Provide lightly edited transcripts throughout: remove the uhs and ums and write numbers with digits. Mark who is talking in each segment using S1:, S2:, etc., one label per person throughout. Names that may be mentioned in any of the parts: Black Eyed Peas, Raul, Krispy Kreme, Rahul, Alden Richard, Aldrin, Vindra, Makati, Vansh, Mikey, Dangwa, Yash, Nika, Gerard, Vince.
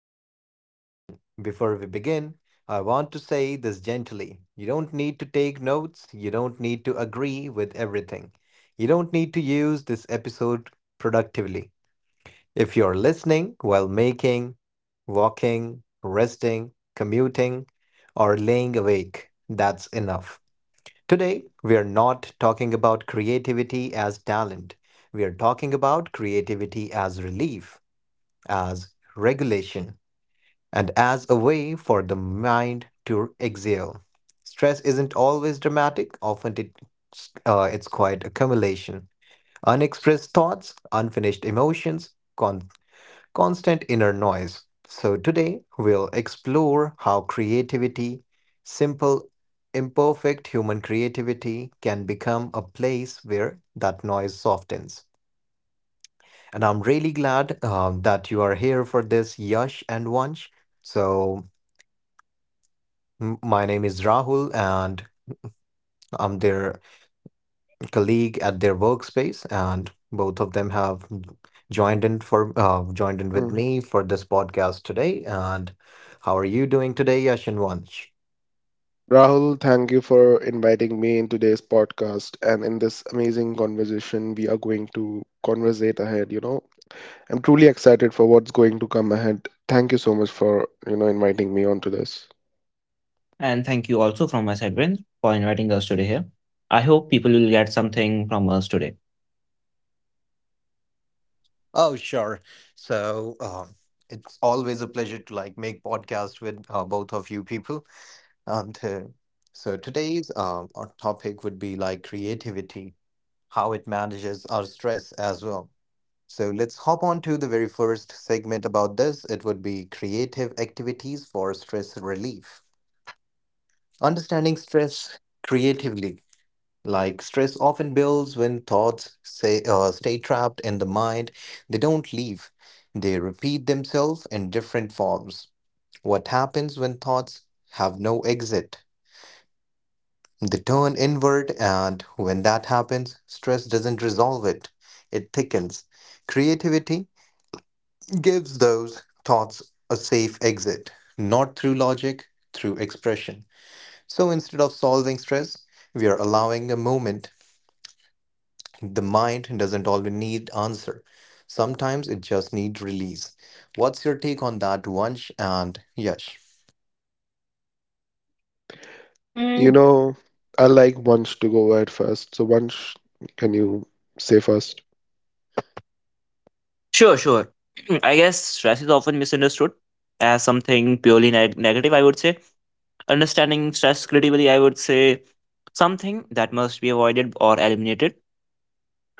S1: to this conversation. Before we begin, I want to say this gently. You don't need to take notes, you don't need to agree with everything, you don't need to use this episode productively. If you're listening while making, walking, resting, commuting, or laying awake, that's enough. Today, we are not talking about creativity as talent. We are talking about creativity as relief, as regulation, and as a way for the mind to exhale. Stress isn't always dramatic, often it's quite accumulation. Unexpressed thoughts, unfinished emotions, constant inner noise. So today we'll explore how creativity, simple, imperfect human creativity, can become a place where that noise softens. And I'm really glad that you are here for this, Yash and Vansh. So my name is Rahul, and I'm their colleague at their workspace, and both of them have joined in with
S2: Mhm.
S1: me for this podcast today. And how are you doing today, Yash and Vansh?
S2: Rahul, thank you for inviting me in today's podcast. And in this amazing conversation, we are going to conversate ahead. I'm truly excited for what's going to come ahead. Thank you so much for inviting me onto this.
S3: And thank you also from my side, Vince, for inviting us today here. I hope people will get something from us today.
S1: Oh, sure. So it's always a pleasure to like make podcast with both of you people. And so today's our topic would be like creativity, how it manages our stress as well. So let's hop on to the very first segment about this. It would be creative activities for stress relief. Understanding stress creatively. Like stress often builds when thoughts stay trapped in the mind. They don't leave. They repeat themselves in different forms. What happens when thoughts have no exit? They turn inward, and when that happens, stress doesn't resolve it. It thickens. Creativity gives those thoughts a safe exit, not through logic, through expression. So instead of solving stress, we are allowing a moment. The mind doesn't always need answer. Sometimes it just needs release. What's your take on that, Vansh and Yash?
S2: You
S3: Mm,
S2: know, I like Vansh to go ahead first. So Vansh, can you say first?
S3: sure, sure. I guess stress is often misunderstood as something purely negative, I would say. Understanding stress critically, I would say something that must be avoided or eliminated.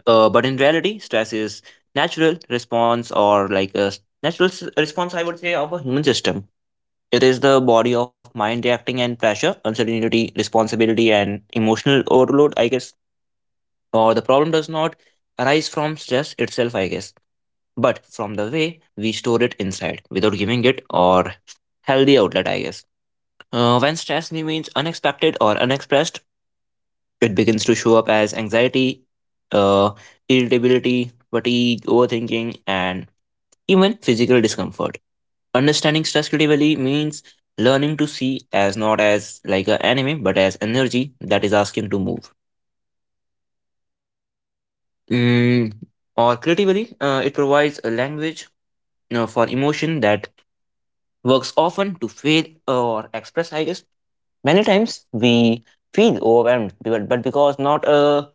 S3: But in reality, stress is natural response or like a natural response, I would say, of a human system. It is the body of mind reacting and pressure, uncertainty, responsibility, and emotional overload, I guess. Or the problem does not arise from stress itself, I guess, but from the way we store it inside without giving it or healthy outlet, I guess. When stress remains unexpected or unexpressed, it begins to show up as anxiety, uh, irritability, fatigue, overthinking, and even physical discomfort. Understanding stress critically means learning to see as not as like an enemy, but as energy that is asking to move. Mm, or creatively, it provides a language, you know, for emotion that works often to feel or express. I guess many times we feel overwhelmed, but because not a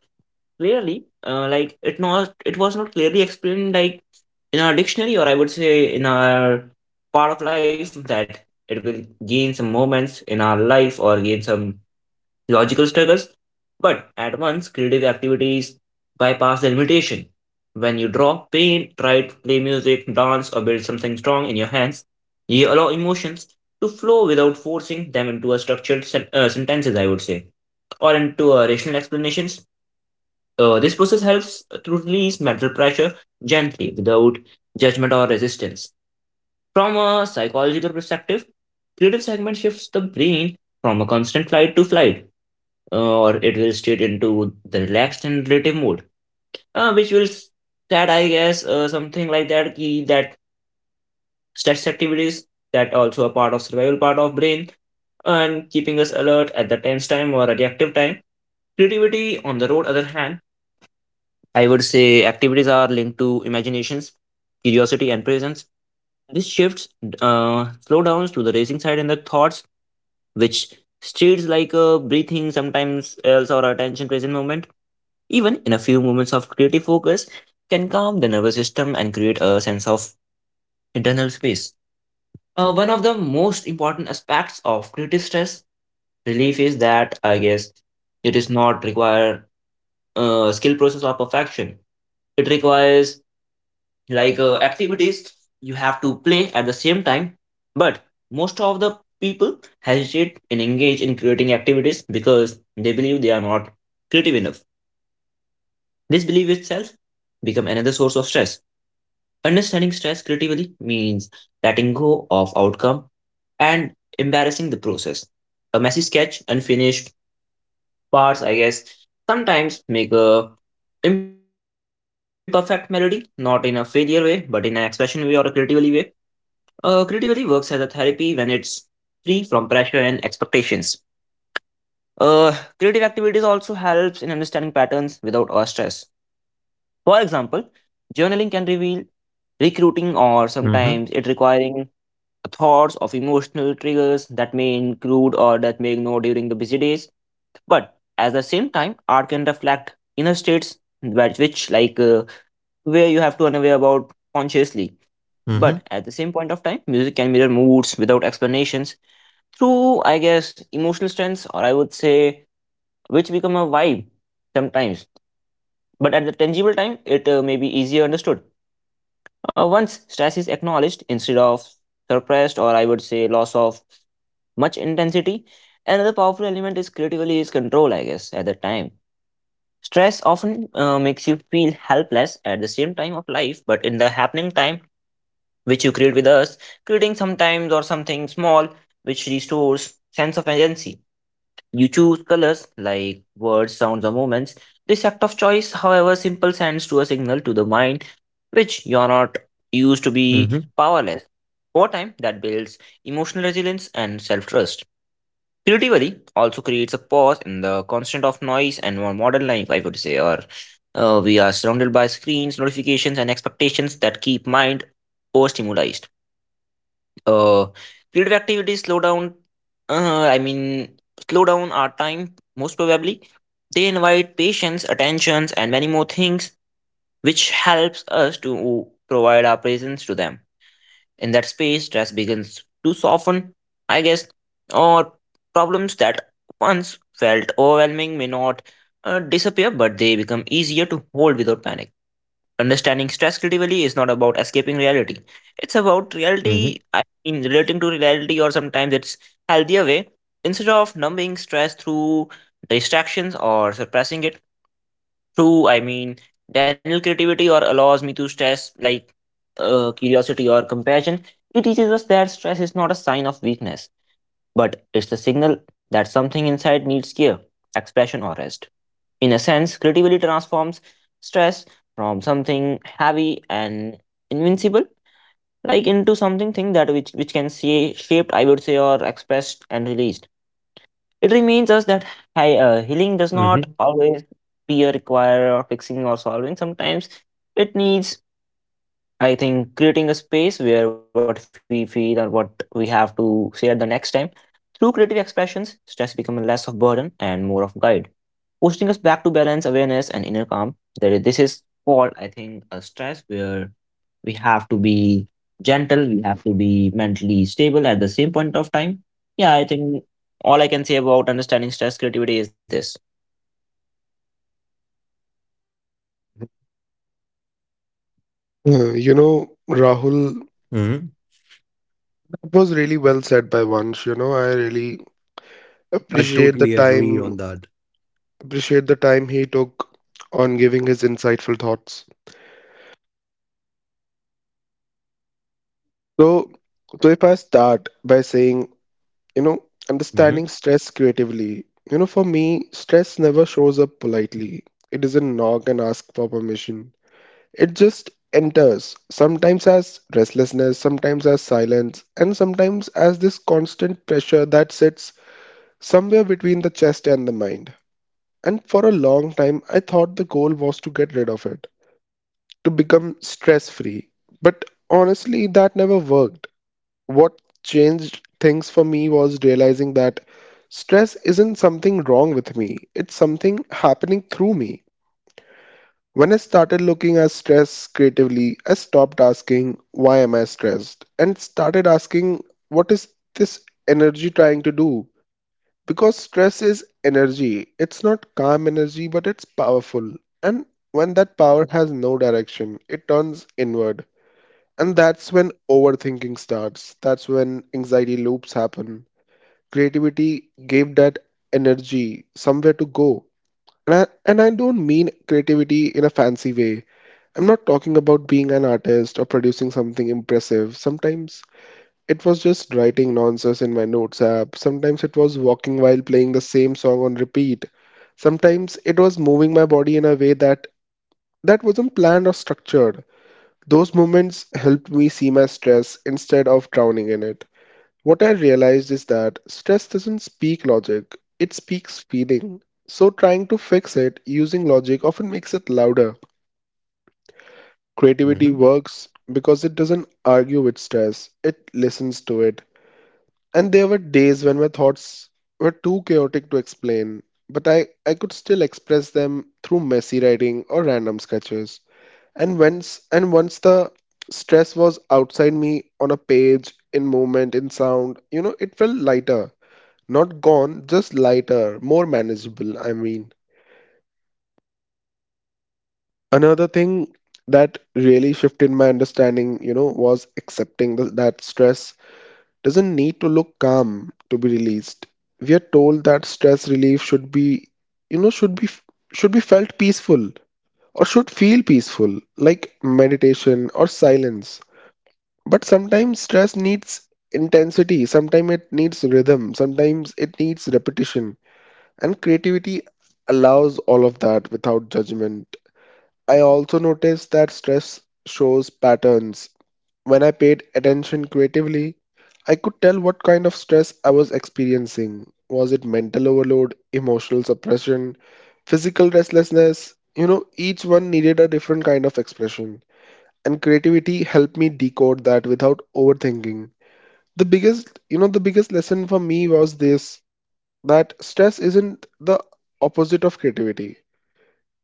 S3: clearly, like it not it was not clearly explained like in our dictionary or I would say in our part of life that it will gain some moments in our life or gain some logical struggles. But at once, creative activities bypass the limitation. When you draw, paint, write, play music, dance, or build something strong in your hands, you allow emotions to flow without forcing them into a structured sentences, I would say, or into rational explanations. This process helps to release mental pressure gently without judgment or resistance. From a psychological perspective, creative segment shifts the brain from a constant flight to flight, or it will straight into the relaxed and relative mode, uh, which will s- that I guess something like that. Key that stress activities that also a part of survival part of brain and keeping us alert at the tense time or a reactive time. Creativity, on the road, other hand, I would say activities are linked to imaginations, curiosity, and presence. This shifts slowdowns to the racing side and the thoughts, which states like breathing, sometimes else or attention present moment. Even in a few moments of creative focus, can calm the nervous system and create a sense of internal space. One of the most important aspects of creative stress relief is that I guess it is not require skill process or perfection. It requires like activities you have to play at the same time, but most of the people hesitate and engage in creating activities because they believe they are not creative enough. This belief itself become another source of stress. Understanding stress creatively means letting go of outcome and embarrassing the process, a messy sketch unfinished parts, I guess, sometimes make a imperfect melody, not in a failure way but in an expression way or a creatively way. Creativity works as a therapy when it's free from pressure and expectations. Creative activities also helps in understanding patterns without our stress. For example, journaling can reveal recruiting or
S1: Mm-hmm.
S3: sometimes it requiring thoughts of emotional triggers that may include or that may ignore during the busy days. But at the same time, art can reflect inner states, which, where you have to unaware about consciously.
S1: Mm-hmm.
S3: But at the same point of time, music can mirror moods without explanations through, I guess, emotional strengths, or I would say, which become a vibe sometimes. But at the tangible time, it may be easier understood. Once stress is acknowledged instead of suppressed, or I would say, loss of much intensity, another powerful element is creatively is control, I guess, at the time. Stress often makes you feel helpless at the same time of life, but in the happening time, which you create with us, creating sometimes or something small which restores sense of agency. You choose colors like words, sounds, or moments. This act of choice, however simple, sends to a signal to the mind which you are not used to be
S1: Mm-hmm.
S3: powerless. Over time, that builds emotional resilience and self trust. Creativity also creates a pause in the constant of noise and more modern life, I would say, or we are surrounded by screens, notifications, and expectations that keep mind overstimulated. Uh, creative activities slow down. Uh, I mean, slow down our time most probably. They invite patience, attentions, and many more things, which helps us to provide our presence to them. In that space, stress begins to soften, I guess, or problems that once felt overwhelming may not disappear, but they become easier to hold without panic. Understanding stress critically is not about escaping reality. It's about reality, I mean, relating to reality, or sometimes it's healthier way. Instead of numbing stress through distractions or suppressing it through, I mean, Daniel creativity or allows me to stress like curiosity or compassion. It teaches us that stress is not a sign of weakness, but it's the signal that something inside needs care, expression, or rest. In a sense, creativity transforms stress from something heavy and invincible, like into something thing that which can see shaped, I would say, or expressed and released. It reminds us that healing does not
S1: Mm-hmm.
S3: always be a require or fixing or solving. Sometimes it needs, I think, creating a space where what we feel or what we have to say at the next time. Through creative expressions, stress becomes less of burden and more of guide. Posting us back to balance, awareness, and inner calm. This is called, I think, a stress where we have to be gentle, we have to be mentally stable at the same point of time. Yeah, I think all I can say about understanding stress creativity is this.
S2: Uh, You know, Rahul,
S1: Mm-hmm.
S2: it was really well said by Vansh. You know, I really
S1: I
S2: appreciate the
S1: totally agree
S2: time,
S1: on that.
S2: appreciate the time he took on giving his insightful thoughts. So, so, if I start by saying, understanding stress creatively, you know, for me, stress never shows up politely. It doesn't knock and ask for permission. It just enters, sometimes as restlessness, sometimes as silence, and sometimes as this constant pressure that sits somewhere between the chest and the mind. And for a long time, I thought the goal was to get rid of it, to become stress free. But honestly, that never worked. What changed things for me was realizing that stress isn't something wrong with me, it's something happening through me. When I started looking at stress creatively, I stopped asking, "Why am I stressed?" and started asking, "What is this energy trying to do?" Because stress is energy. It's not calm energy, but it's powerful. And when that power has no direction, it turns inward. And that's when overthinking starts. That's when anxiety loops happen. Creativity gave that energy somewhere to go. And I don't mean creativity in a fancy way. I'm not talking about being an artist or producing something impressive. Sometimes it was just writing nonsense in my notes app. Sometimes it was walking while playing the same song on repeat. Sometimes it was moving my body in a way that wasn't planned or structured. Those moments helped me see my stress instead of drowning in it. What I realized is that stress doesn't speak logic, it speaks feeling. So, trying to fix it using logic often makes it louder. Creativity
S1: Mm-hmm.
S2: works because it doesn't argue with stress, it listens to it. And there were days when my thoughts were too chaotic to explain, but I could still express them through messy writing or random sketches. And once the stress was outside me on a page, in movement, in sound, you know, it felt lighter. Not gone, just lighter, more manageable, I mean. Another thing that really shifted my understanding, you know, was accepting that stress doesn't need to look calm to be released. We are told that stress relief should be, you know, should be felt peaceful or should feel peaceful, like meditation or silence. But sometimes stress needs intensity, sometimes it needs rhythm, sometimes it needs repetition, and creativity allows all of that without judgment. I also noticed that stress shows patterns. When I paid attention creatively, I could tell what kind of stress I was experiencing. Was it mental overload, emotional suppression, physical restlessness? You know, each one needed a different kind of expression, and creativity helped me decode that without overthinking. The biggest lesson for me was this, that stress isn't the opposite of creativity.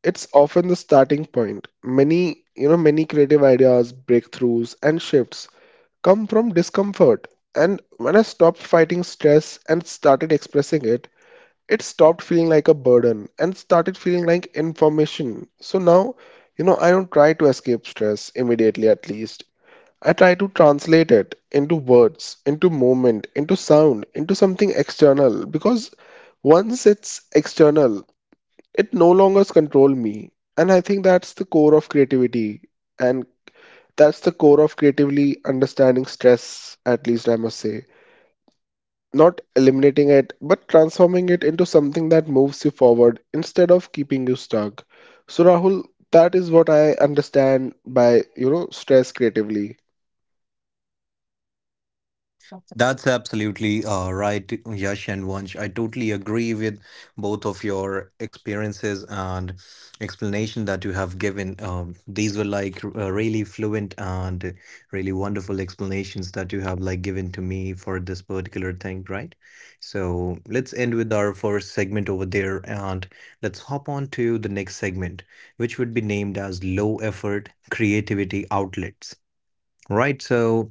S2: It's often the starting point. Many you know many creative ideas, breakthroughs, and shifts come from discomfort. And when I stopped fighting stress and started expressing it, it stopped feeling like a burden and started feeling like information. So now, you know, I don't try to escape stress immediately, at least. I try to translate it into words, into movement, into sound, into something external, because once it's external, it no longer controls me. And I think that's the core of creativity. And that's the core of creatively understanding stress, at least I must say. Not eliminating it, but transforming it into something that moves you forward instead of keeping you stuck. So Rahul, that is what I understand by, you know, stress creatively.
S1: That's absolutely right, Yash and Vansh. I totally agree with both of your experiences and explanation that you have given. These were like really fluent and really wonderful explanations that you have like given to me for this particular thing, right? So let's end with our first segment over there and let's hop on to the next segment, which would be named as low effort creativity outlets. Right, so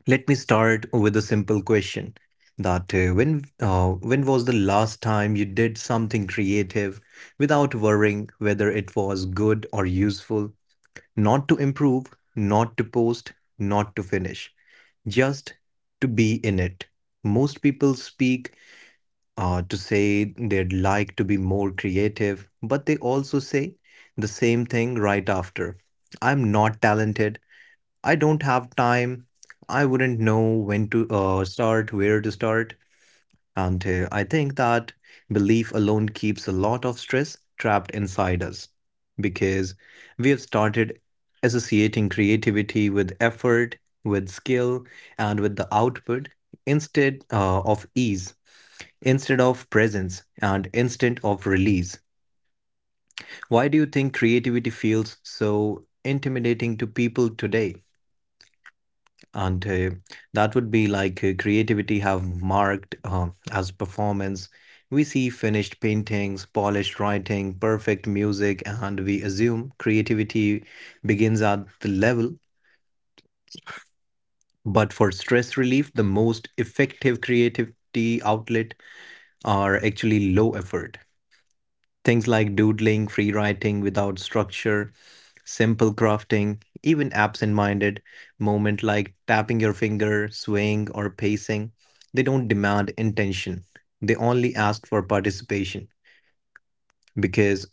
S1: let me start with a simple question that when was the last time you did something creative without worrying whether it was good or useful, not to improve, not to post, not to finish, just to be in it. Most people speak to say they'd like to be more creative, but they also say the same thing right after. I'm not talented. I don't have time. I wouldn't know when to start, where to start. And I think that belief alone keeps a lot of stress trapped inside us because we have started associating creativity with effort, with skill, and with the output instead of ease, instead of presence, and instead of release. Why do you think creativity feels so intimidating to people today? And that would be like creativity have marked as performance. We see finished paintings, polished writing, perfect music, and we assume creativity begins at the level. But for stress relief, the most effective creativity outlet are actually low effort. Things like doodling, free writing without structure, simple crafting, even absent minded movement like tapping your finger, swaying, or pacing, they don't demand intention. They only ask for participation because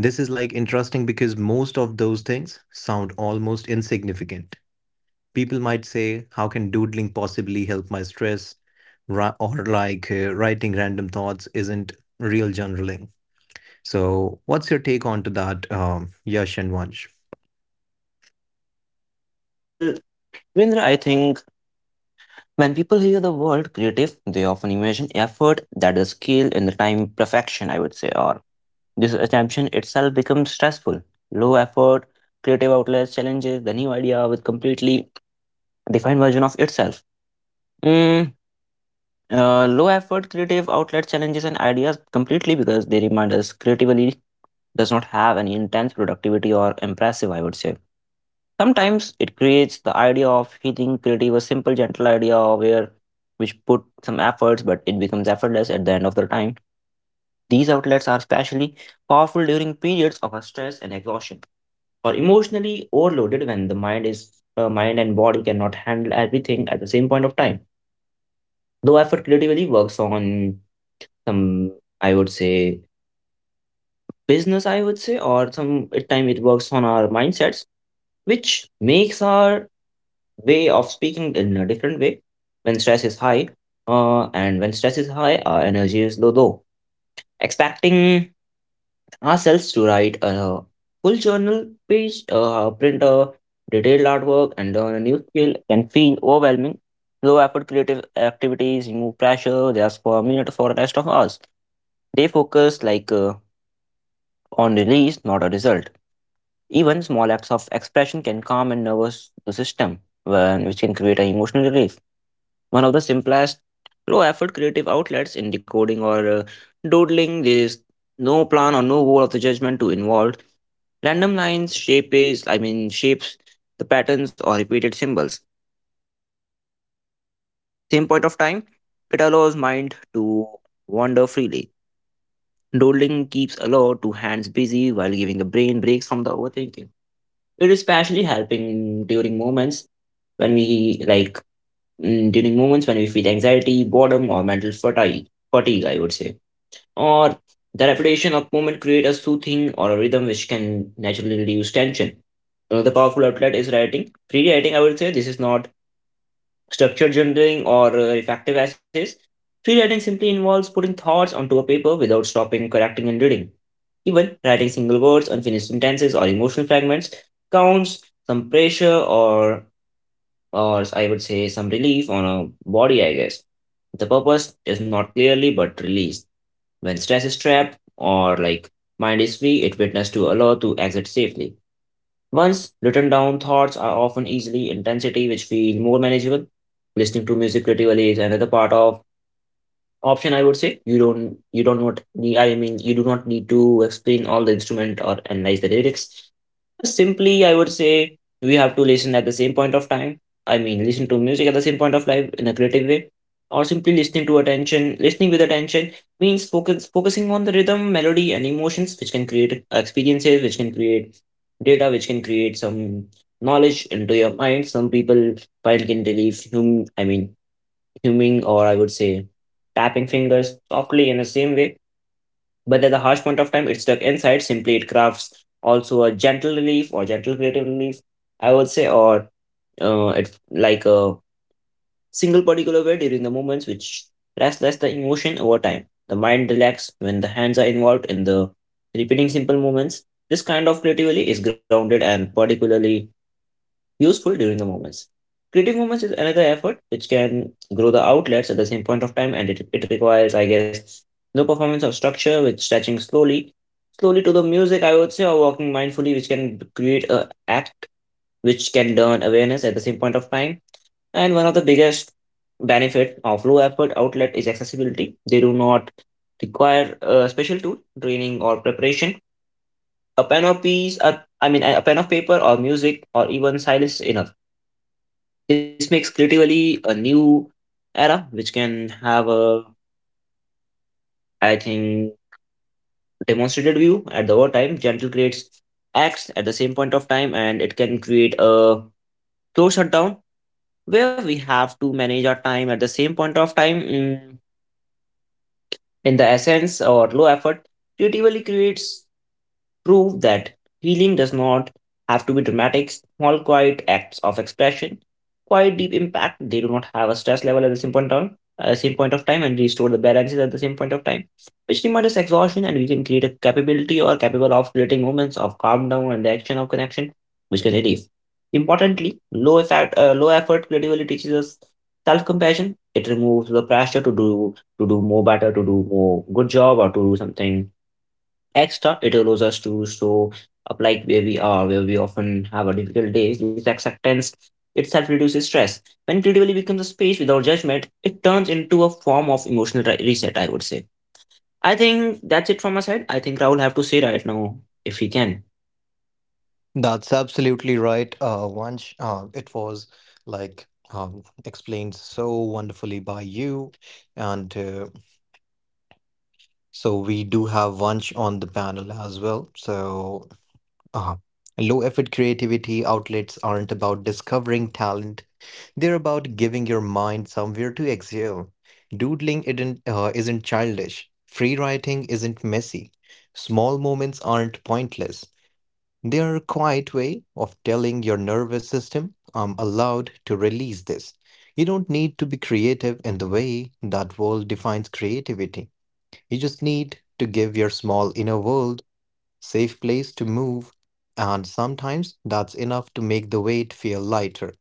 S1: this is like interesting because most of those things sound almost insignificant. People might say, "How can doodling possibly help my stress? Or writing random thoughts isn't real journaling." So, what's your take on to that, Yash and Vansh?
S3: Well, Vindra, I think when people hear the word creative, they often imagine effort, that is skill, and the time perfection, I would say, or this assumption itself becomes stressful. Low effort, creative outlets, challenges the new idea with completely defined version of itself. Mm, low effort, creative outlet challenges and ideas completely because they remind us creatively does not have any intense productivity or impressive, I would say. Sometimes it creates the idea of feeling creative, a simple, gentle idea where which put some efforts, but it becomes effortless at the end of the time. These outlets are especially powerful during periods of stress and exhaustion, or emotionally overloaded when the mind is mind and body cannot handle everything at the same point of time. Though effort creatively works on some, I would say, business, I would say, or some at time it works on our mindsets which makes our way of speaking in a different way when stress is high, and when stress is high our energy is low, though expecting ourselves to write a full journal page, print a detailed artwork and learn a new skill can feel overwhelming. Low effort creative activities remove pressure just for a minute for the rest of us. They focus like on release, not a result. Even small acts of expression can calm and nervous the system, when, which can create an emotional relief. One of the simplest low effort creative outlets in decoding or doodling, there is no plan or no goal of the judgment to involve. Random lines, shapes, I mean shapes, the patterns or repeated symbols. At the same point of time, it allows mind to wander freely. Doodling keeps alert to hands busy while giving the brain breaks from the overthinking. It is partially helping during moments when we like during moments when we feel anxiety, boredom, or mental fatigue, I would say, or the repetition of movement create a soothing or a rhythm which can naturally reduce tension. Another powerful outlet is writing. Free writing, I would say, this is not structured journaling or reflective essays. Free writing simply involves putting thoughts onto a paper without stopping, correcting, and reading. Even writing single words, unfinished sentences, or emotional fragments counts some pressure or, or I would say, some relief on a body, I guess. The purpose is not clearly but released. When stress is trapped or like mind is free, it witness to allow to exit safely. Once written down, thoughts are often easily intensity, which feel more manageable. Listening to music creatively is another part of option. I would say you don't not need. I mean, you do not need to explain all the instrument or analyze the lyrics. Simply, I would say we have to listen at the same point of time. I mean, listen to music at the same point of life in a creative way, or simply listening to attention. Listening with attention means focus, focusing on the rhythm, melody, and emotions, which can create experiences, which can create data, which can create some knowledge into your mind. Some people find can relieve hum, I mean, humming, or I would say tapping fingers softly in the same way but at the harsh point of time, it's stuck inside. Simply, it crafts also a gentle relief or gentle creative relief, I would say, or it like a single particular way during the moments which restless the emotion over time. The mind relax when the hands are involved in the repeating simple movements. This kind of creativity is grounded and particularly useful during the moments. Creative moments is another effort which can grow the outlets at the same point of time, and it requires, I guess, no performance of structure with stretching slowly slowly to the music, I would say, or walking mindfully, which can create a act which can learn awareness at the same point of time. And one of the biggest benefit of low effort outlet is accessibility. They do not require a special tool, training or preparation. A pen or piece, a, I mean, a pen of paper or music or even silence is enough. This makes creatively a new era, which can have a, I think, demonstrated view at the over time gentle creates acts at the same point of time and it can create a slow shutdown where we have to manage our time at the same point of time in the essence or low effort creatively creates prove that healing does not have to be dramatic, small, quiet acts of expression, quite deep impact. They do not have a stress level at the same point of time and restore the balances at the same point of time, which reminds us exhaustion and we can create a capability or capable of creating moments of calm down and the action of connection, which can relieve. Importantly, low effort creativity teaches us self-compassion. It removes the pressure to do more better, to do more good job, or to do something extra it allows us to show up like where we are where we often have a difficult day this acceptance itself reduces stress when creativity becomes a space without judgment it turns into a form of emotional reset I would say. I think that's it from my side. I think I will have to say right now if he can.
S1: That's absolutely right, Vansh. It was like explained so wonderfully by you, and so we do have Vansh on the panel as well. So, uh, low effort creativity outlets aren't about discovering talent; they're about giving your mind somewhere to exhale. Doodling isn't childish. Free writing isn't messy. Small moments aren't pointless. Their quiet way of telling your nervous system, I'm allowed to release this. You don't need to be creative in the way that world defines creativity. You just need to give your small inner world safe place to move, and sometimes that's enough to make the weight feel lighter.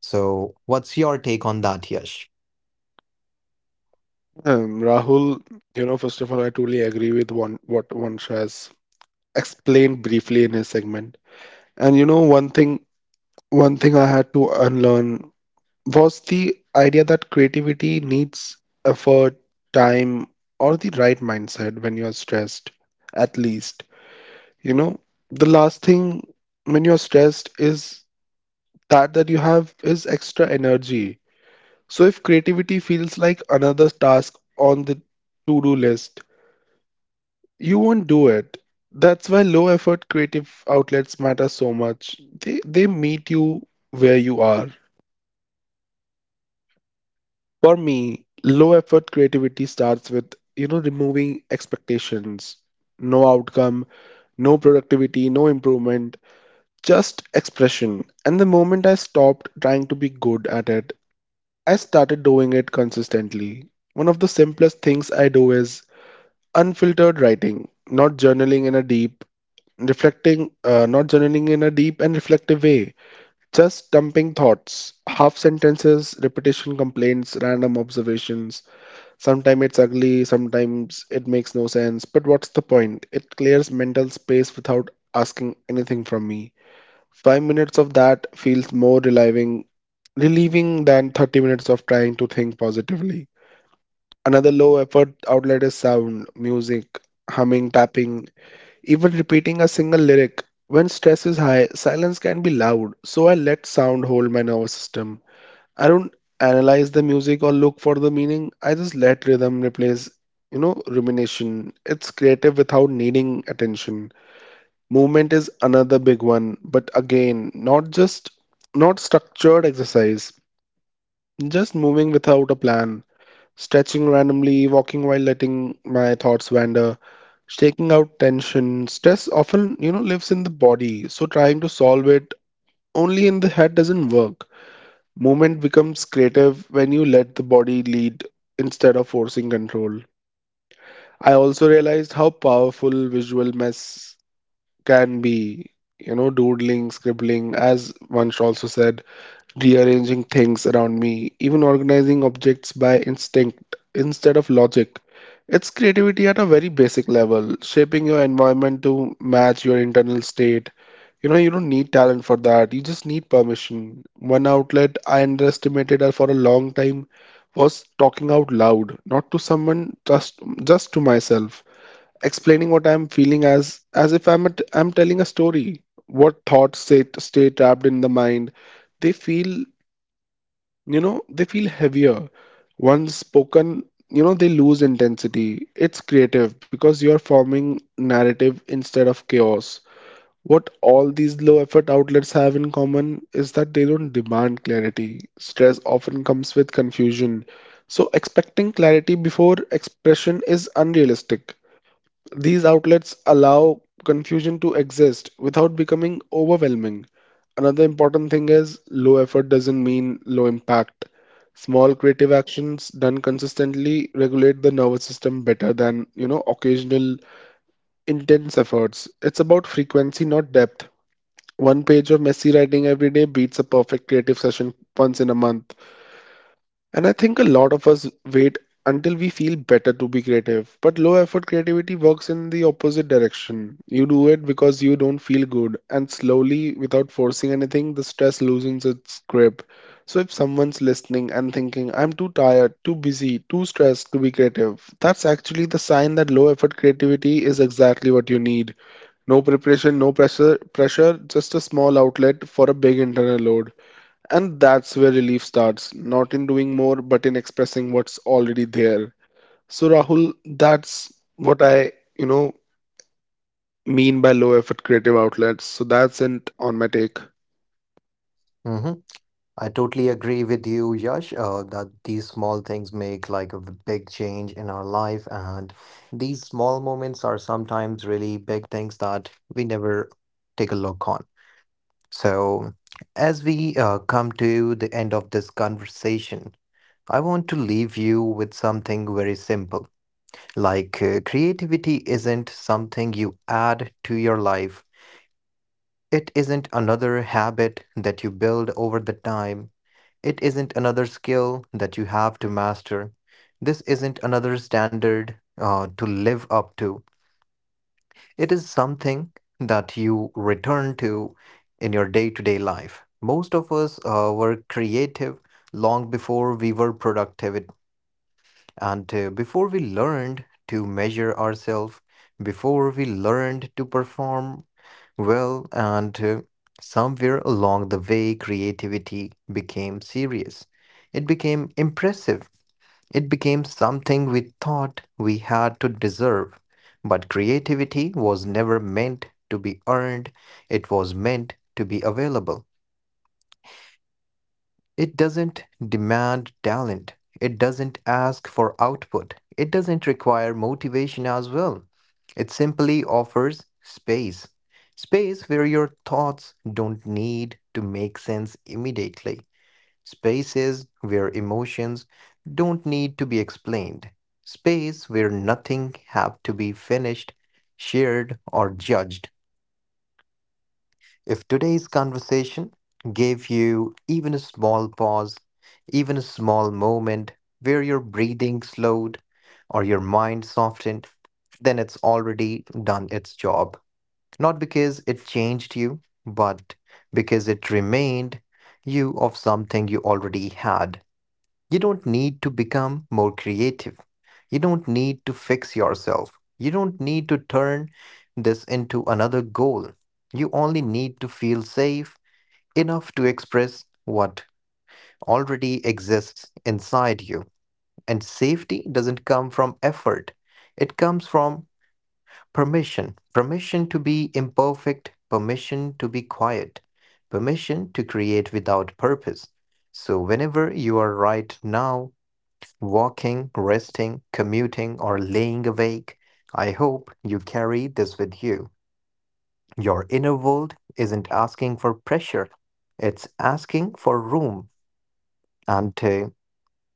S1: So, what's your take on that, Yash?
S2: Rahul, you know, first of all, I totally agree with one what Vansh has explained briefly in his segment. And you know, one thing I had to unlearn was the idea that creativity needs effort, time, or the right mindset when you're stressed, at least. You know, the last thing when you're stressed is that you have is extra energy. So if creativity feels like another task on the to-do list, you won't do it. That's why low effort creative outlets matter so much. They meet you where you are. For me, low effort creativity starts with, you know, removing expectations. No outcome, no productivity, no improvement, just expression. And the moment I stopped trying to be good at it, I started doing it consistently. One of the simplest things I do is unfiltered writing, not journaling in a deep and reflective way, just dumping thoughts, half sentences, repetition, complaints, random observations. Sometimes it's ugly, sometimes it makes no sense, but what's the point? It clears mental space without asking anything from me. 5 minutes of that feels more relieving than 30 minutes of trying to think positively. Another low effort outlet is sound, music, humming, tapping, even repeating a single lyric. When stress is high, silence can be loud, so I let sound hold my nervous system. I don't analyze the music or look for the meaning. I just let rhythm replace rumination. It's creative without needing attention. Movement is another big one, but again, not structured exercise, just moving without a plan, stretching randomly, walking while letting my thoughts wander, shaking out tension. Stress often, you know, lives in the body, so trying to solve it only in the head doesn't work. Movement becomes creative when you let the body lead instead of forcing control. I also realized how powerful visual mess can be, you know, doodling, scribbling, as Vansh also said, rearranging things around me, even organizing objects by instinct instead of logic. It's creativity at a very basic level, shaping your environment to match your internal state. You know, you don't need talent for that, you just need permission. One outlet I underestimated her for a long time was talking out loud, not to someone, just to myself, explaining what I'm feeling as if I'm telling a story. What thoughts stay trapped in the mind, they feel, they feel heavier. Once spoken, you know, they lose intensity. It's creative because you're forming narrative instead of chaos. What all these low effort outlets have in common is that they don't demand clarity. Stress often comes with confusion. So, expecting clarity before expression is unrealistic. These outlets allow confusion to exist without becoming overwhelming. Another important thing is low effort doesn't mean low impact. Small creative actions done consistently regulate the nervous system better than, you know, occasional intense efforts. It's about frequency, not depth. One page of messy writing every day beats a perfect creative session once in a month. And I think a lot of us wait until we feel better to be creative. But low effort creativity works in the opposite direction. You do it because you don't feel good, and slowly, without forcing anything, the stress loosens its grip. So if someone's listening and thinking, "I'm too tired, too busy, too stressed to be creative," that's actually the sign that low effort creativity is exactly what you need. No preparation, no pressure, just a small outlet for a big internal load. And that's where relief starts, not in doing more, but in expressing what's already there. So, Rahul, that's what I, you know, mean by low effort creative outlets. So, that's it on my take.
S1: Hmm. I totally agree with you, Yash, that these small things make like a big change in our life. And these small moments are sometimes really big things that we never take a look on. So, as we come to the end of this conversation, I want to leave you with something very simple. Like, creativity isn't something you add to your life, it isn't another habit that you build over the time. It isn't another skill that you have to master. This isn't another standard to live up to. It is something that you return to in your day to day life. Most of us were creative long before we were productive and before we learned to measure ourselves, before we learned to perform well, and somewhere along the way, creativity became serious. It became impressive. It became something we thought we had to deserve. But creativity was never meant to be earned, it was meant to be available. It doesn't demand talent. It doesn't ask for output. It doesn't require motivation as well. It simply offers space. Space where your thoughts don't need to make sense immediately. Spaces where emotions don't need to be explained. Space where nothing have to be finished, shared or judged. If today's conversation gave you even a small pause, even a small moment where your breathing slowed or your mind softened, then it's already done its job. Not because it changed you, but because it remained you of something you already had. You don't need to become more creative. You don't need to fix yourself. You don't need to turn this into another goal. You only need to feel safe enough to express what already exists inside you. And safety doesn't come from effort, it comes from permission permission to be imperfect, permission to be quiet, permission to create without purpose. So, whenever you are right now, walking, resting, commuting, or laying awake, I hope you carry this with you. Your inner world isn't asking for pressure, it's asking for room. And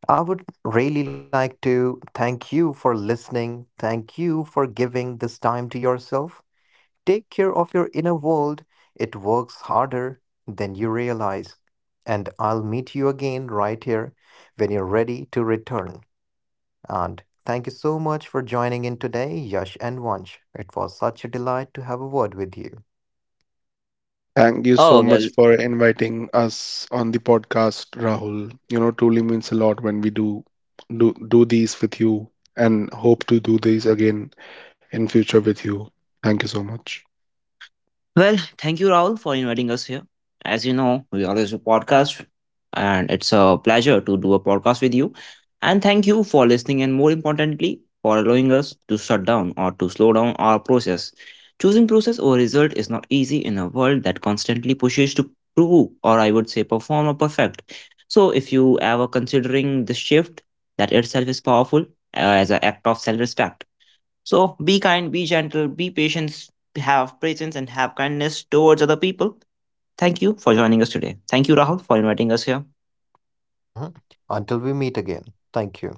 S1: I would really like to thank you for listening. Thank you for giving this time to yourself. Take care of your inner world, it works harder than you realize. And I'll meet you again right here when you're ready to return. And thank you so much for joining in today, Yash and Vansh. It was such a delight to have a word with you.
S2: Thank you so
S3: Oh well.
S2: much for inviting us on the podcast, Rahul. You know, truly means a lot when we do these with you and hope to do these again in future with you. Thank you so much.
S3: Well, thank you, Raul, for inviting us here. As you know, we always do podcast, and it's a pleasure to do a podcast with you. And thank you for listening, and more importantly, for allowing us to shut down or to slow down our process. Choosing process over result is not easy in a world that constantly pushes to prove, or I would say, perform or perfect. So, if you ever considering this shift, that itself is powerful as an act of self-respect. So be kind, be gentle, be patient, have presence, and have kindness towards other people. Thank you for joining us today. Thank you, Rahul, for inviting us here.
S1: Mhm. Until we meet again, thank you.